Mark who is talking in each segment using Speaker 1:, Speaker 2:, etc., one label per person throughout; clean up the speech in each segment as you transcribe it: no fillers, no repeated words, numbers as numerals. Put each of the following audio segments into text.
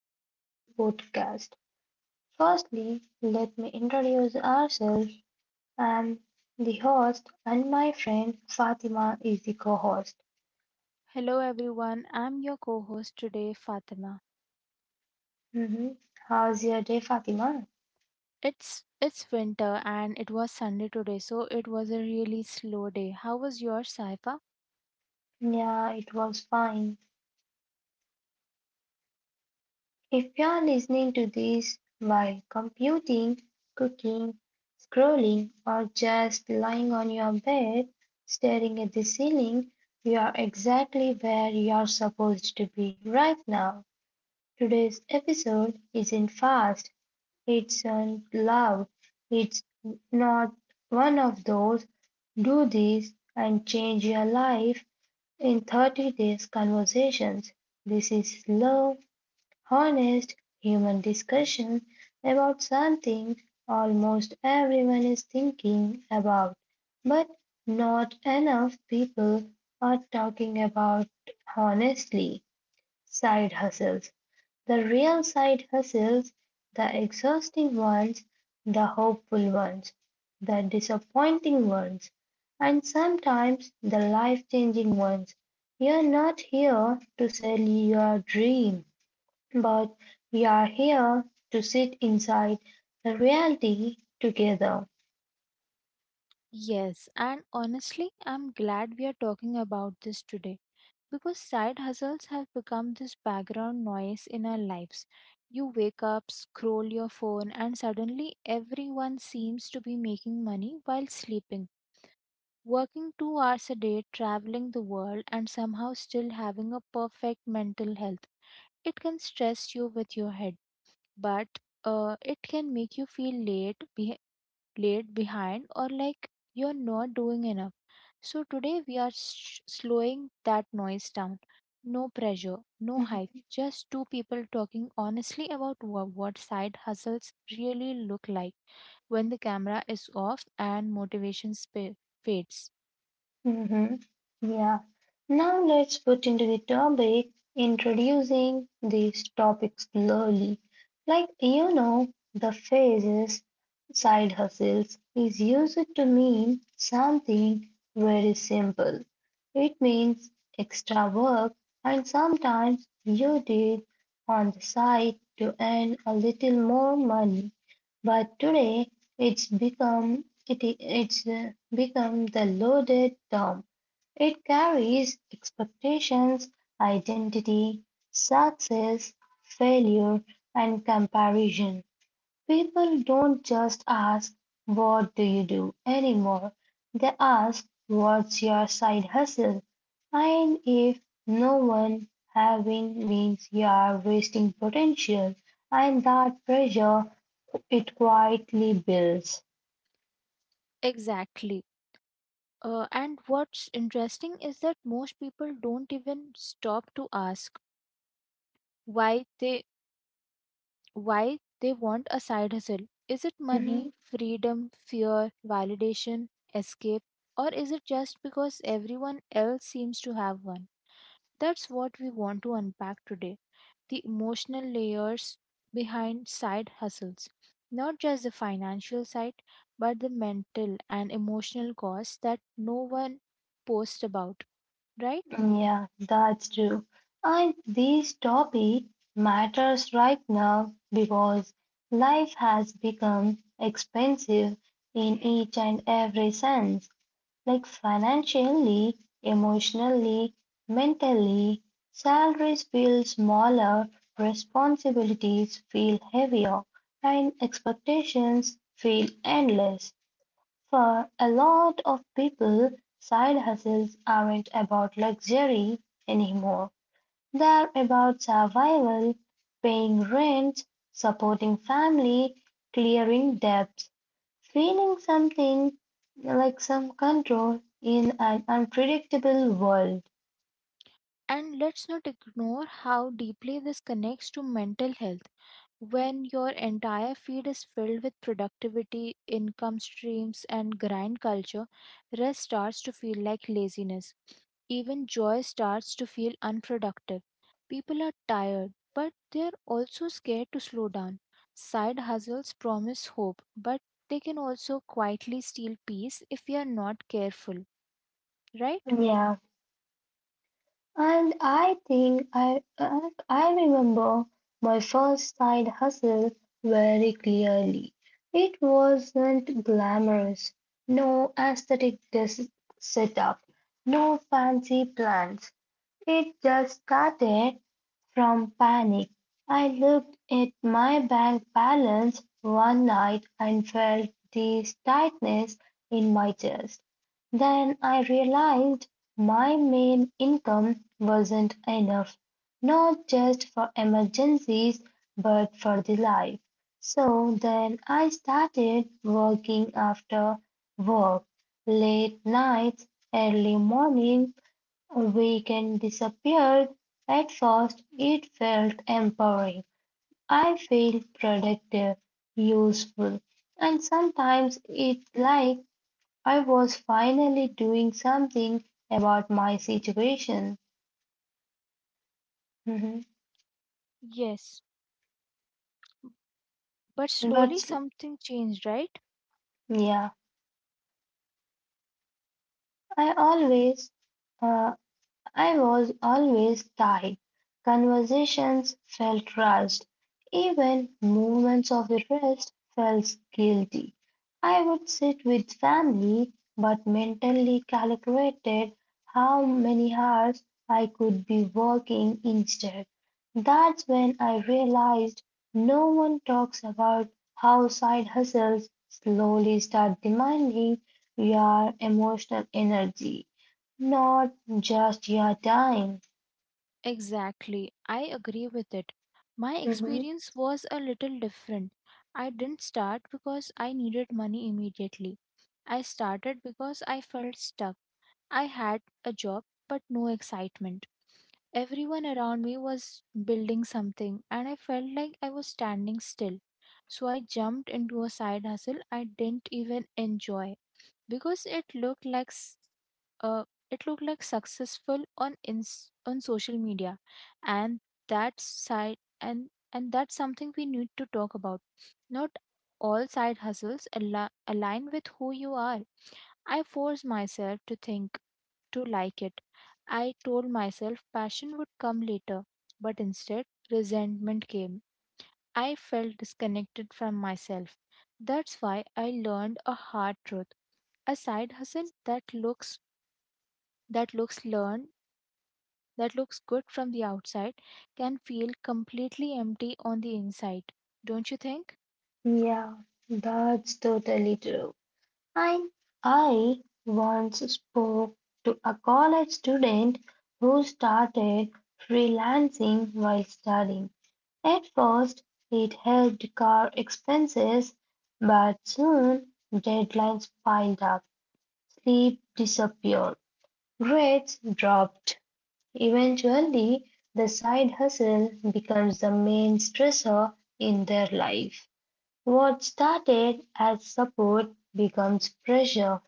Speaker 1: back to the podcast. Firstly, let me introduce ourselves. I'm the host, and my friend Fatima is the co host.
Speaker 2: Hello everyone, I'm your co-host today, Fatima.
Speaker 1: hmm How's your day, Fatima?
Speaker 2: It's winter and it was Sunday today, so it was a really slow day. How was your Saifa?
Speaker 1: Yeah, it was fine. If you are listening to this while computing, cooking, scrolling, or just lying on your bed staring at the ceiling, you are exactly where you are supposed to be right now. Today's episode isn't fast, it's not loud, it's not one of those do this and change your life in 30 days conversations. This is slow, honest, human discussion about something almost everyone is thinking about, but not enough people are talking about honestly. Side hustles. The real side hustles, the exhausting ones, the hopeful ones, the disappointing ones, and sometimes the life changing ones. You're not here to sell your dream, but you're here to sit inside the reality together.
Speaker 2: Yes, and honestly, I'm glad we are talking about this today because side hustles have become this background noise in our lives. You wake up, scroll your phone, and suddenly everyone seems to be making money while sleeping. Working 2 hours a day, traveling the world, and somehow still having a perfect mental health. It can stress you with your head, but it can make you feel late, late behind, or like you're not doing enough. So today we are slowing that noise down. No pressure, no hype, just two people talking honestly about what side hustles really look like when the camera is off and motivation fades.
Speaker 1: Mm-hmm. Yeah. Now let's put into the topic introducing these topics slowly. Like the phrases side hustles is used to mean something very simple. It means extra work and sometimes you did on the side to earn a little more money. But today it's become the loaded term. It carries expectations, identity, success, failure, and comparison. People don't just ask, "What do you do anymore?" They ask, "What's your side hustle?" And if no one having means you are wasting potential, and that pressure it quietly builds.
Speaker 2: Exactly. And what's interesting is that most people don't even stop to ask why they why they want a side hustle. Is it
Speaker 1: Mhm.
Speaker 2: money, freedom, fear, validation, escape, or is it just because everyone else seems to have one? That's what we want to unpack today, the emotional layers behind side hustles. Not just the financial side, but the mental and emotional costs that no one posts about, right?
Speaker 1: Yeah, that's true. And this topic matters right now because life has become expensive in each and every sense, like financially, emotionally, mentally. Salaries feel smaller, responsibilities feel heavier, and expectations feel endless. For a lot of people, side hustles aren't about luxury anymore. They're about survival, paying rent, supporting family, clearing debts, feeling something like some control in an unpredictable world.
Speaker 2: And let's not ignore how deeply this connects to mental health. When your entire feed is filled with productivity, income streams, and grind culture, rest starts to feel like laziness. Even joy starts to feel unproductive. People are tired, but they are also scared to slow down. Side hustles promise hope, but they can also quietly steal peace if we are not careful, right?
Speaker 1: Yeah. And I think I remember my first side hustle very clearly. It wasn't glamorous, no aesthetic setup, no fancy plans. It just started from panic. I looked at my bank balance one night and felt this tightness in my chest. Then I realized my main income wasn't enough, not just for emergencies, but for the life. So then I started working after work, late nights, early morning, we can disappeared. At first it felt empowering. I feel productive, useful, and sometimes it's like I was finally doing something about my situation. Mhm.
Speaker 2: Yes, but slowly
Speaker 1: But
Speaker 2: something changed, right?
Speaker 1: yeah, I always uh, I was always tired. Conversations felt rushed. Even moments of rest felt guilty. I would sit with family, but mentally calculated how many hours I could be working instead. That's when I realized no one talks about how side hustles slowly start demanding your emotional energy. Not just your time.
Speaker 2: Exactly, I agree with it. My
Speaker 1: Mm-hmm.
Speaker 2: experience was a little different. I didn't start because I needed money immediately. I started because I felt stuck. I had a job, but no excitement. Everyone around me was building something, and I felt like I was standing still. So I jumped into a side hustle I didn't even enjoy because uh, it looked like successful on on social media, and that side and that's something we need to talk about. Not all side hustles align with who you are. I forced myself to think to like it. I told myself passion would come later, but instead, resentment came. I felt disconnected from myself. That's why I learned a hard truth. A side hustle that looks learned, that looks good from the outside, can feel completely empty on the inside. Don't you think?
Speaker 1: Yeah, that's totally true. I I once spoke to a college student who started freelancing while studying. At first, it helped cover expenses, but soon deadlines piled up, sleep disappeared, grades dropped. Eventually, the side hustle becomes the main stressor in their life. What started as support becomes pressure.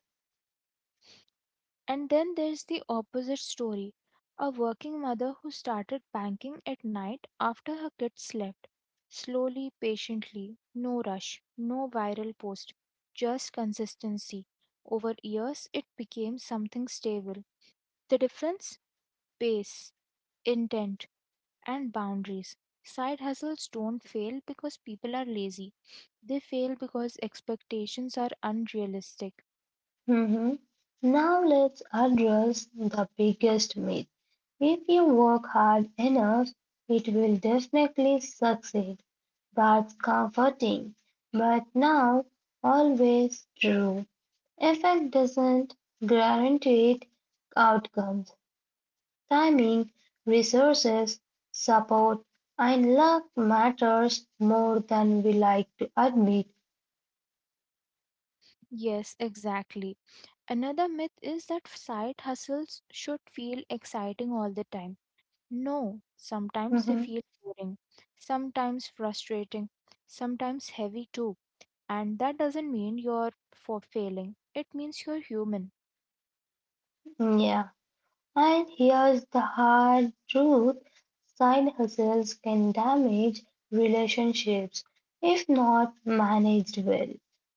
Speaker 2: And then there's the opposite story, a working mother who started banking at night after her kids slept. Slowly, patiently, no rush, no viral post, just consistency. Over years, it became something stable. The difference? Pace, intent, and boundaries. Side hustles don't fail because people are lazy, they fail because expectations are unrealistic.
Speaker 1: Mhm. Now, let's address the biggest myth. If you work hard enough, it will definitely succeed. That's comforting, but now always true. Effect doesn't guarantee outcomes. Timing, resources, support, and luck matters more than we like to admit.
Speaker 2: Yes, exactly. Another myth is that side hustles should feel exciting all the time. No, sometimes they
Speaker 1: Mhm.
Speaker 2: feel boring, sometimes frustrating, sometimes heavy too. And that doesn't mean you're for failing. It means you're human.
Speaker 1: Yeah, and here's the hard truth. Side hustles can damage relationships if not managed well.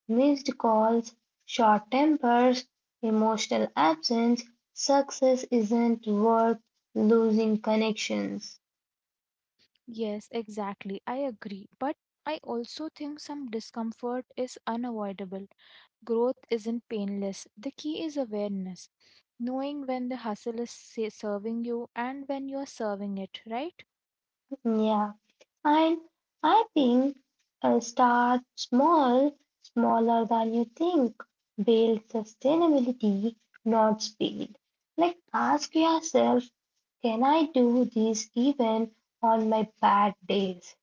Speaker 1: Missed calls, short tempers, emotional absence, success isn't worth losing connections.
Speaker 2: Yes, exactly. I agree. But I also think some discomfort is unavoidable. Growth isn't painless. The key is awareness. Knowing when the hustle is serving you and when you're serving it, right?
Speaker 1: Yeah, and I think start small, smaller than you think. Build sustainability, not speed. Like ask yourself, can I do this even on my bad days?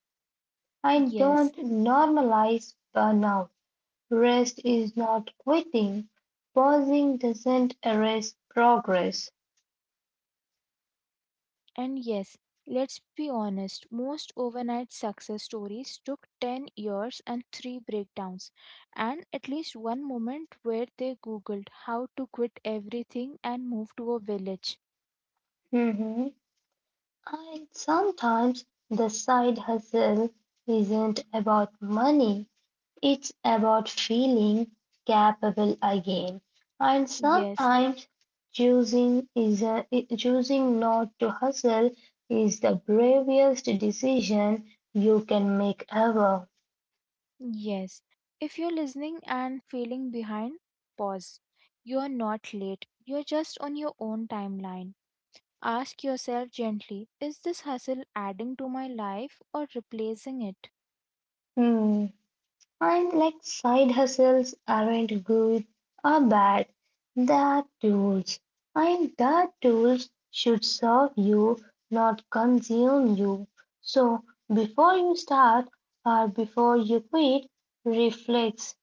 Speaker 1: And don't
Speaker 2: Yes.
Speaker 1: normalize burnout. Rest is not quitting. Pausing doesn't erase progress.
Speaker 2: And yes, let's be honest, most overnight success stories took 10 years and 3 breakdowns, and at least one moment where they googled how to quit everything and move to a village.
Speaker 1: Mhm. And sometimes the side hustle isn't about money, it's about feeling capable again. And
Speaker 2: Yes,
Speaker 1: sometimes choosing is a, choosing not to hustle is the bravest decision you can make ever.
Speaker 2: yes. If you're listening and feeling behind, pause. You're not late, you're just on your own timeline. Ask yourself gently, is this hustle adding to my life or replacing it?
Speaker 1: Hmm. And like side hustles aren't good or bad, they're tools. And that tools should serve you, not consume you. So before you start or before you quit, reflect.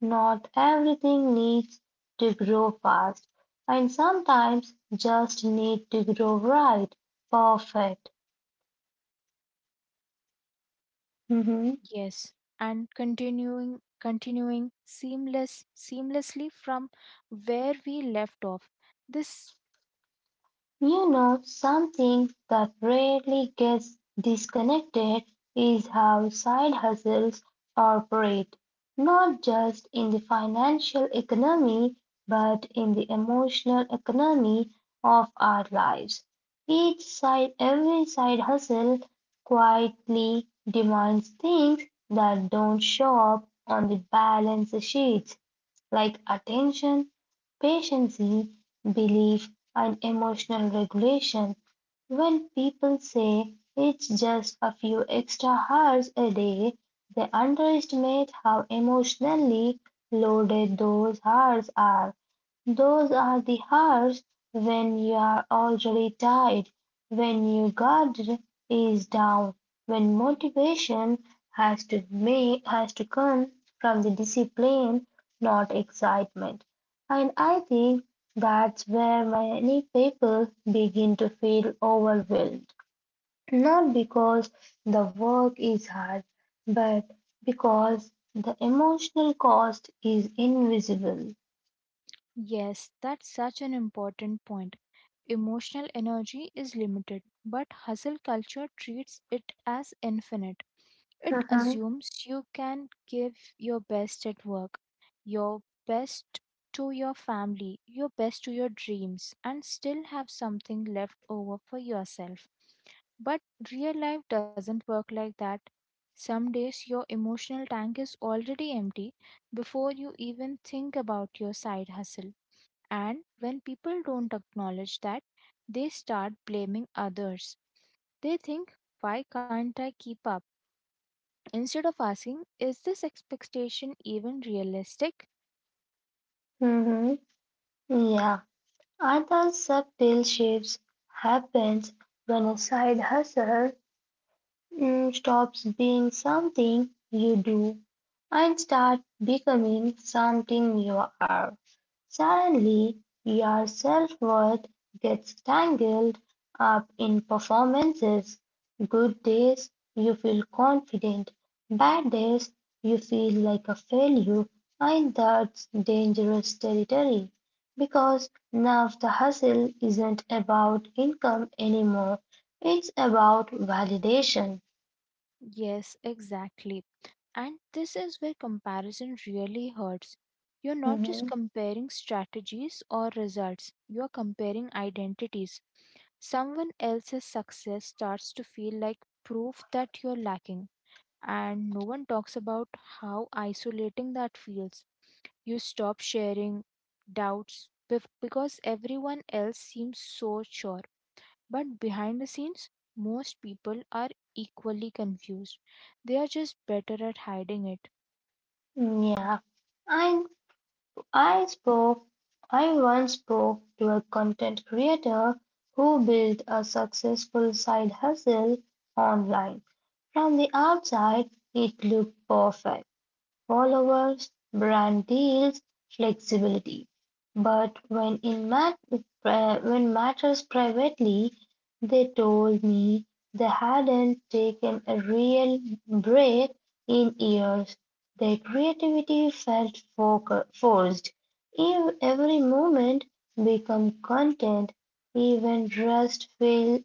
Speaker 1: Not everything needs to grow fast, and sometimes just need to grow right, perfect. Mm-hmm.
Speaker 2: Yes, and continuing seamlessly from where we left off. This
Speaker 1: Something that rarely gets disconnected is how side hustles operate, not just in the financial economy, but in the emotional economy of our lives. Every side hustle quietly demands things that don't show up on the balance sheets like attention, patience, belief, and emotional regulation. When people say it's just a few extra hours a day, they underestimate how emotionally loaded those hours are. Those are the hours when you're already tired, when your guard is down, when motivation has to come from the discipline, not excitement. And I think that's where many people begin to feel overwhelmed. Not because the work is hard, but because the emotional cost is invisible.
Speaker 2: yes, that's such an important point. Emotional energy is limited, but hustle culture treats it as infinite. It
Speaker 1: Mhm.
Speaker 2: assumes you can give your best at work, your best to your family, your best to your dreams, and still have something left over for yourself. But real life doesn't work like that. Some days your emotional tank is already empty before you even think about your side hustle. And when people don't acknowledge that, they start blaming others. They think, why can't I keep up? Instead of asking, is this expectation even realistic?
Speaker 1: Mhm. Yeah, other subtle shifts happens when a side hustle stops being something you do and start becoming something you are. Suddenly, your self worth gets tangled up in performances. Good days, you feel confident. Bad days, you feel like a failure. And that's dangerous territory because now the hustle isn't about income anymore, it's about validation.
Speaker 2: Yes, exactly. And this is where comparison really hurts. You're not just
Speaker 1: Mhm.
Speaker 2: comparing strategies or results, you're comparing identities. Someone else's success starts to feel like proof that you're lacking, and no one talks about how isolating that feels. You stop sharing doubts because everyone else seems so sure. But behind the scenes, most people are equally confused. They are just better at hiding it.
Speaker 1: Yeah, I I spoke I once spoke to a content creator who built a successful side hustle online. From the outside, it looked perfect. Followers, brand deals, flexibility, but when matters privately, they told me they hadn't taken a real break in years. Their creativity felt forced. Every moment became content, even rest feel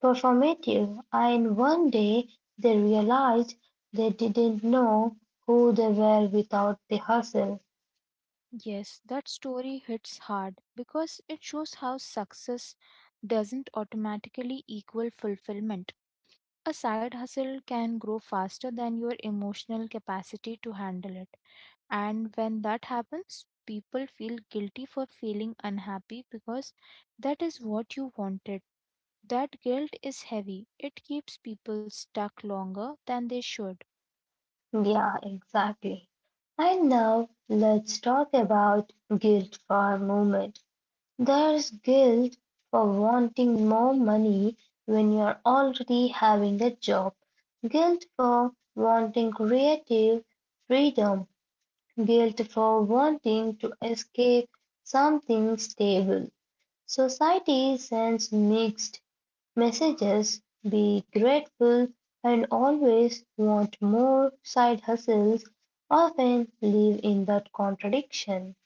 Speaker 1: performative and one day they realized they didn't know who they were without the hustle.
Speaker 2: Yes, that story hits hard because it shows how success doesn't automatically equal fulfillment. A side hustle can grow faster than your emotional capacity to handle it. And when that happens, people feel guilty for feeling unhappy because that is what you wanted. That guilt is heavy, it keeps people stuck longer than they should.
Speaker 1: Yeah, exactly. And now let's talk about guilt for a moment. There's guilt for wanting more money when you're already having a job, guilt for wanting creative freedom, guilt for wanting to escape something stable. Society sends mixed messages be grateful and always want more side hustles often live in that contradiction.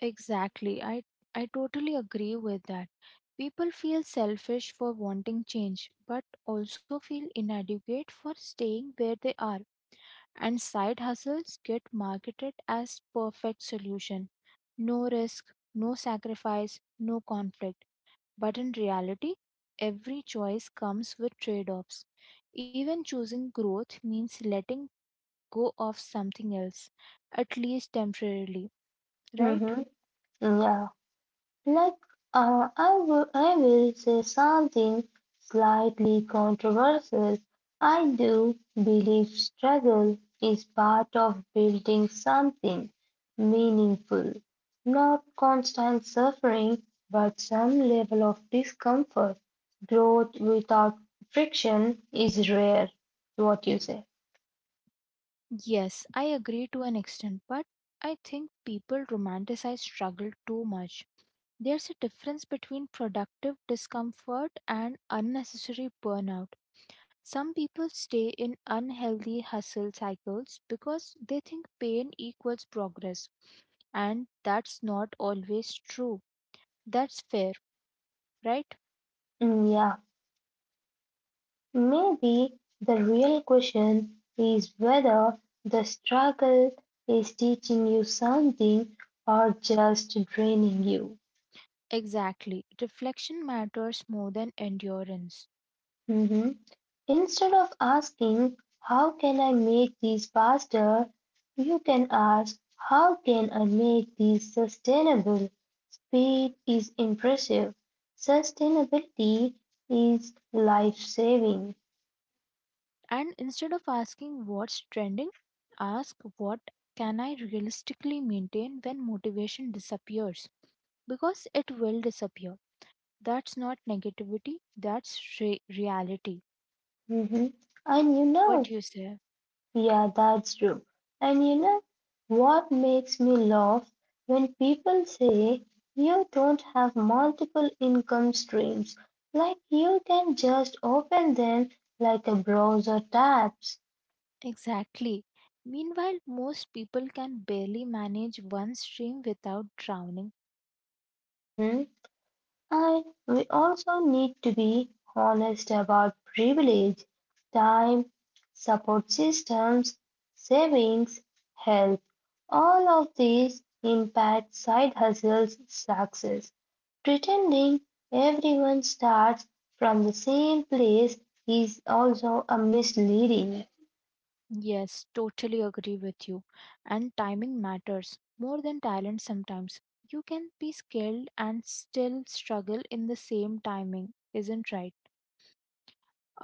Speaker 2: Exactly. I totally agree with that. People feel selfish for wanting change, but also feel inadequate for staying where they are. And side hustles get marketed as perfect solution. No risk, no sacrifice, no conflict. But in reality, every choice comes with trade-offs. Even choosing growth means letting go of something else, at least temporarily,
Speaker 1: Hmm.
Speaker 2: right?
Speaker 1: Yeah. Like, I will say something slightly controversial. I do believe struggle is part of building something meaningful, not constant suffering, but some level of discomfort. Growth without friction is rare. What you say?
Speaker 2: Yes, I agree to an extent, but I think people romanticize struggle too much. There's a difference between productive discomfort and unnecessary burnout. Some people stay in unhealthy hustle cycles because they think pain equals progress, and that's not always true. That's fair, right?
Speaker 1: Mm, yeah. Maybe the real question is whether the struggle is teaching you something or just draining you.
Speaker 2: Exactly. Reflection matters more than endurance.
Speaker 1: Mhm. Instead of asking, "How can I make these faster?" you can ask, "How can I make these sustainable?" Speed is impressive. Sustainability is life saving.
Speaker 2: And instead of asking what's trending, ask what can I realistically maintain when motivation disappears? Because it will disappear. That's not negativity, that's reality.
Speaker 1: And
Speaker 2: What do you say?
Speaker 1: yeah, that's true. And you know what makes me laugh when people say you don't have multiple income streams, like you can just open them like a browser tabs.
Speaker 2: Exactly. Meanwhile, most people can barely manage one stream without drowning.
Speaker 1: Mhm. And we also need to be honest about privilege, time, support systems, savings, health. All of these impact side hustles success. Pretending everyone starts from the same place is also a misleading.
Speaker 2: Yes, totally agree with you. And timing matters more than talent sometimes. You can be skilled and still struggle in the same timing, isn't right?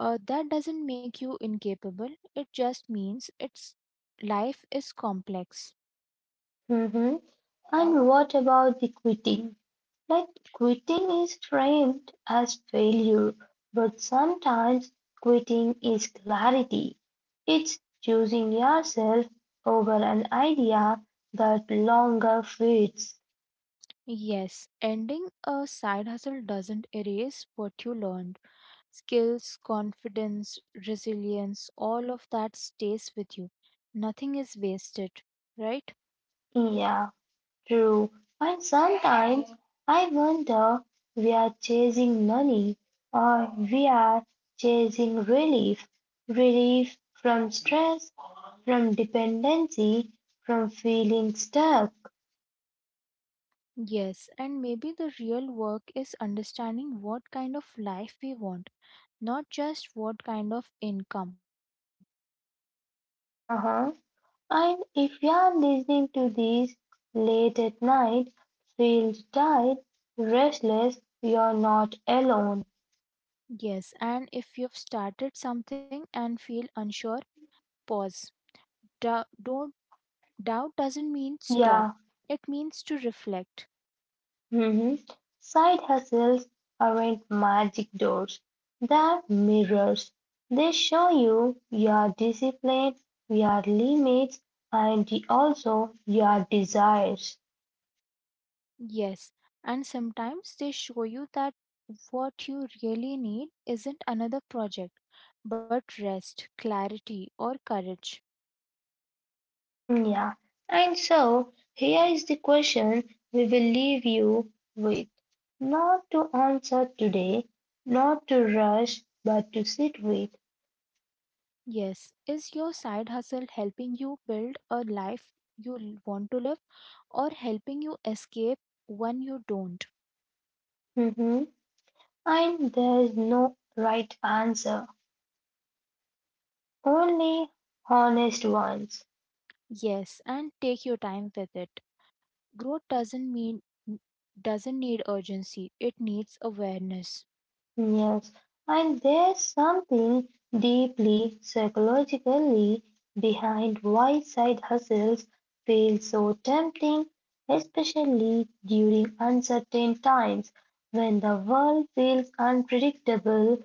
Speaker 2: That doesn't make you incapable. It just means it's life is complex.
Speaker 1: Mhm. And what about the quitting? Like quitting is framed as failure, but sometimes quitting is clarity. It's choosing yourself over an idea that longer fits.
Speaker 2: Yes, ending a side hustle doesn't erase what you learned. Skills, confidence, resilience, all of that stays with you. Nothing is wasted, right?
Speaker 1: Yeah, true. And sometimes I wonder we are chasing money or we are chasing relief. Relief from stress, from dependency, from feeling stuck.
Speaker 2: Yes, and maybe the real work is understanding what kind of life we want, not just what kind of income.
Speaker 1: Uh-huh. And if you're listening to this late at night, feel tired, restless, you're not alone.
Speaker 2: Yes, and if you've started something and feel unsure, pause. Dou- don't, doubt doesn't mean stop,
Speaker 1: Yeah,
Speaker 2: it means to reflect.
Speaker 1: mhm. Side hustles aren't magic doors, they're mirrors. They show you your discipline, your limits, and also your desires.
Speaker 2: Yes, and sometimes they show you that what you really need isn't another project, but rest, clarity, or courage.
Speaker 1: Yeah. And so here is the question we will leave you with. Not to answer today, not to rush, but to sit with.
Speaker 2: Yes. Is your side hustle helping you build a life you want to live or helping you escape one you don't?
Speaker 1: Mhm. And there is no right answer, only honest ones.
Speaker 2: Yes, and take your time with it. Growth doesn't need urgency. It needs awareness.
Speaker 1: Yes, and there's something deeply psychologically behind why side hustles feel so tempting, especially during uncertain times when the world feels unpredictable,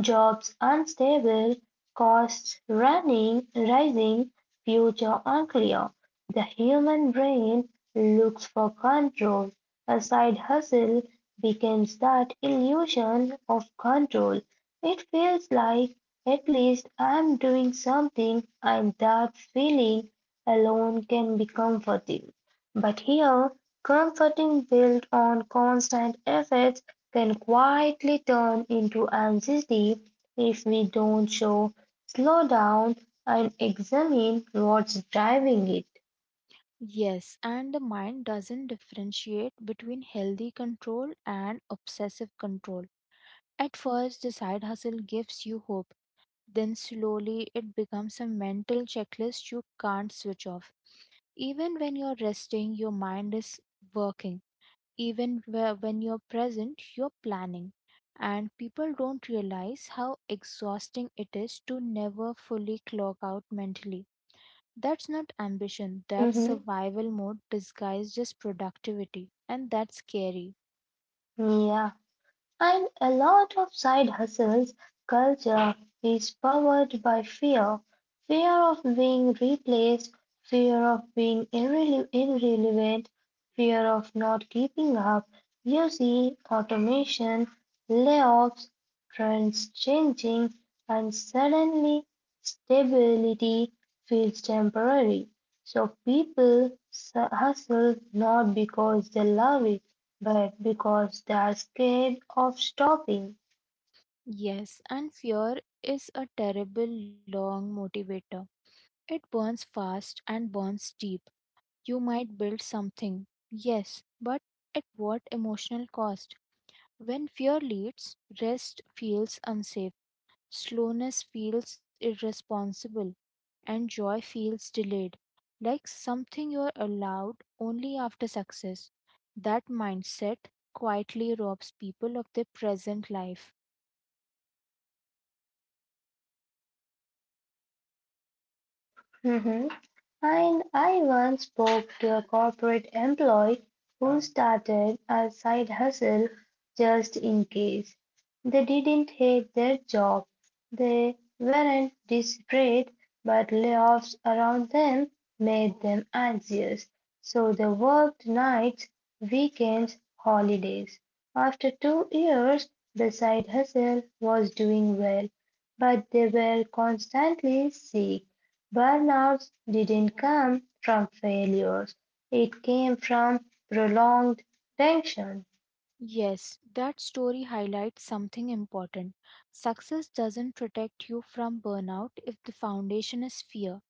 Speaker 1: jobs unstable, costs running, rising, future unclear. The human brain looks for control. A side hustle becomes that illusion of control. It feels like at least I'm doing something, and that feeling alone can be comforting. But here, comforting built on constant efforts can quietly turn into anxiety if we don't show, slow down, and examine what's driving it.
Speaker 2: Yes, and the mind doesn't differentiate between healthy control and obsessive control. At first, the side hustle gives you hope. Then slowly it becomes a mental checklist you can't switch off. Even when you're resting, your mind is working. Even when you're present, you're planning. And people don't realize how exhausting it is to never fully clock out mentally. That's not ambition, that's
Speaker 1: Mhm.
Speaker 2: survival mode disguised as productivity. And that's scary.
Speaker 1: Yeah. And a lot of side hustles culture is powered by fear. Of being replaced, fear of being irrelevant, fear of not keeping up. You see automation, layoffs, trends changing, and suddenly stability feels temporary. So people hustle not because they love it but because they are scared of stopping.
Speaker 2: Yes, and fear is a terrible long motivator. It burns fast and burns deep. You might build something, yes, but at what emotional cost? When fear leads, rest feels unsafe, slowness feels irresponsible, and joy feels delayed, like something you're allowed only after success. That mindset quietly robs people of their present life.
Speaker 1: Mhm. And I once spoke to a corporate employee who started a side hustle just in case. They didn't hate their job. They weren't desperate, but layoffs around them made them anxious. So they worked nights, weekends, holidays. After 2 years, the side hustle was doing well, but they were constantly sick. Burnouts didn't come from failures. It came from prolonged tension.
Speaker 2: Yes, that story highlights something important. Success doesn't protect you from burnout if the foundation is fear.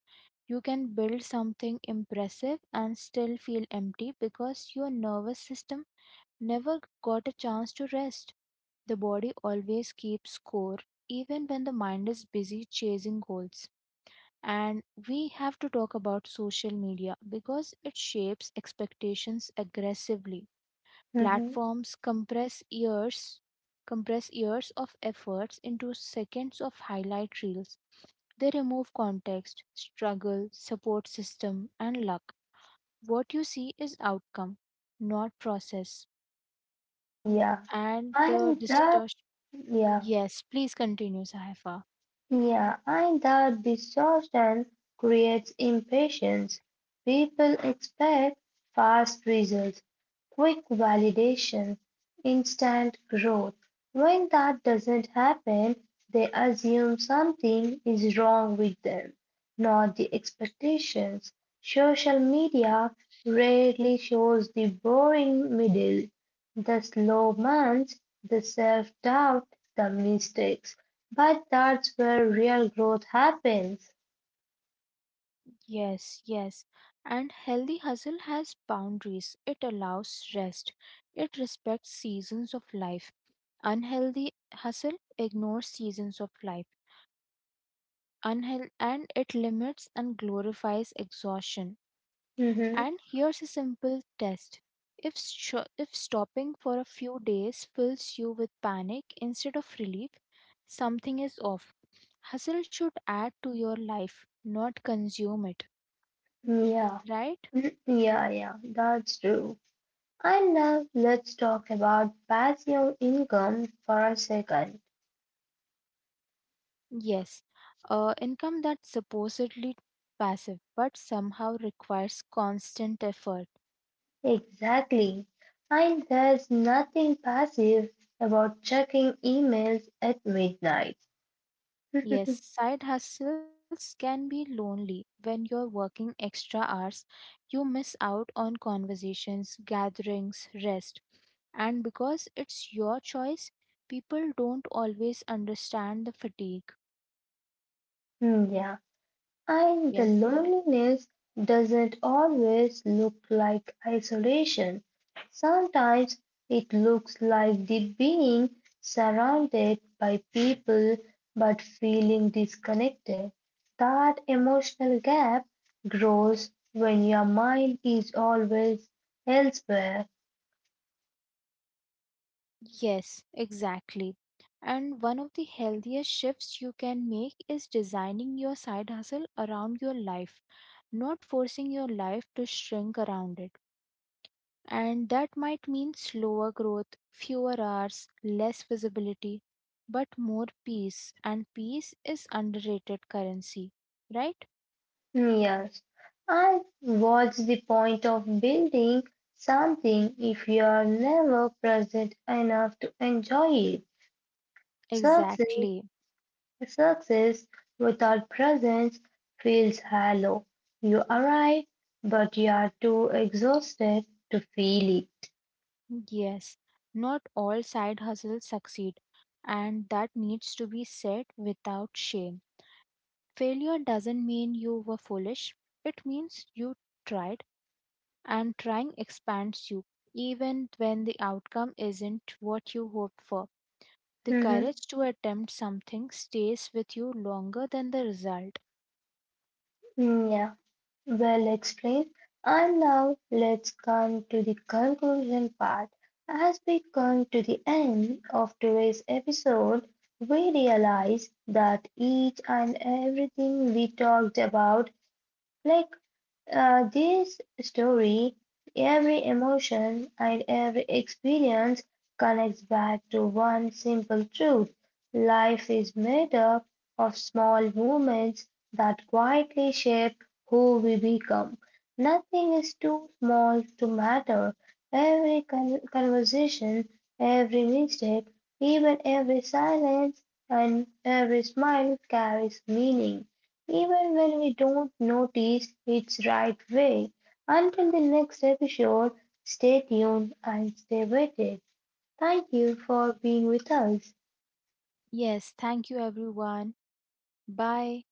Speaker 2: You can build something impressive and still feel empty because your nervous system never got a chance to rest. The body always keeps score, even when the mind is busy chasing goals. And we have to talk about social media because it shapes expectations aggressively.
Speaker 1: Hmm.
Speaker 2: Platforms compress years of efforts into seconds of highlight reels, they remove context, struggle, support system, and luck. What you see is outcome, not process.
Speaker 1: Yeah.
Speaker 2: And the
Speaker 1: And that,
Speaker 2: distortion.
Speaker 1: yeah.
Speaker 2: Yes, please continue, Sahifa.
Speaker 1: Yeah, and that distortion creates impatience. People expect fast results, quick validation, instant growth. When that doesn't happen, they assume something is wrong with them, not the expectations. Social media rarely shows the boring middle, the slow months, the self doubt, the mistakes. But that's where real growth happens.
Speaker 2: Yes, yes. And healthy hustle has boundaries. It allows rest. It respects seasons of life. Unhealthy hustle ignores seasons of life. And it limits and glorifies exhaustion.
Speaker 1: Hmm.
Speaker 2: And here's a simple test. If stopping for a few days fills you with panic instead of relief, something is off. Hustle should add to your life, not consume it,
Speaker 1: Yeah.
Speaker 2: right?
Speaker 1: Mm, yeah, yeah, that's true. And now let's talk about passive income for a second.
Speaker 2: Yes, income that's supposedly passive but somehow requires constant effort.
Speaker 1: Exactly. And there's nothing passive about checking emails at midnight.
Speaker 2: Yes, side hustles can be lonely when you're working extra hours. You miss out on conversations, gatherings, rest. And because it's your choice, people don't always understand the fatigue.
Speaker 1: Yeah, and the
Speaker 2: Yes.
Speaker 1: loneliness doesn't always look like isolation. Sometimes it looks like the being surrounded by people but feeling disconnected. That emotional gap grows when your mind is always elsewhere.
Speaker 2: Yes, exactly. And one of the healthiest shifts you can make is designing your side hustle around your life, not forcing your life to shrink around it. And that might mean slower growth, fewer hours, less visibility, but more peace. And peace is underrated currency, right?
Speaker 1: Yes, and what's the point of building something if you're never present enough to enjoy it? Success,
Speaker 2: Exactly.
Speaker 1: success without presence feels hollow. You arrive, but you are too exhausted to feel it.
Speaker 2: Yes, not all side hustles succeed, and that needs to be said without shame. Failure doesn't mean you were foolish, it means you tried, and trying expands you, even when the outcome isn't what you hoped for. The
Speaker 1: Mm-hmm.
Speaker 2: courage to attempt something stays with you longer than the result.
Speaker 1: Yeah, well explained. And now let's come to the conclusion part. As we come to the end of today's episode, we realize that each and everything we talked about, like this story, every emotion and every experience connects back to one simple truth. Life is made up of small moments that quietly shape who we become. Nothing is too small to matter. Every conversation, every mistake, even every silence and every smile carries meaning even when we don't notice it's right way. Until the next episode, stay tuned and stay with it. Thank you for being with us.
Speaker 2: Yes, thank you, everyone. Bye.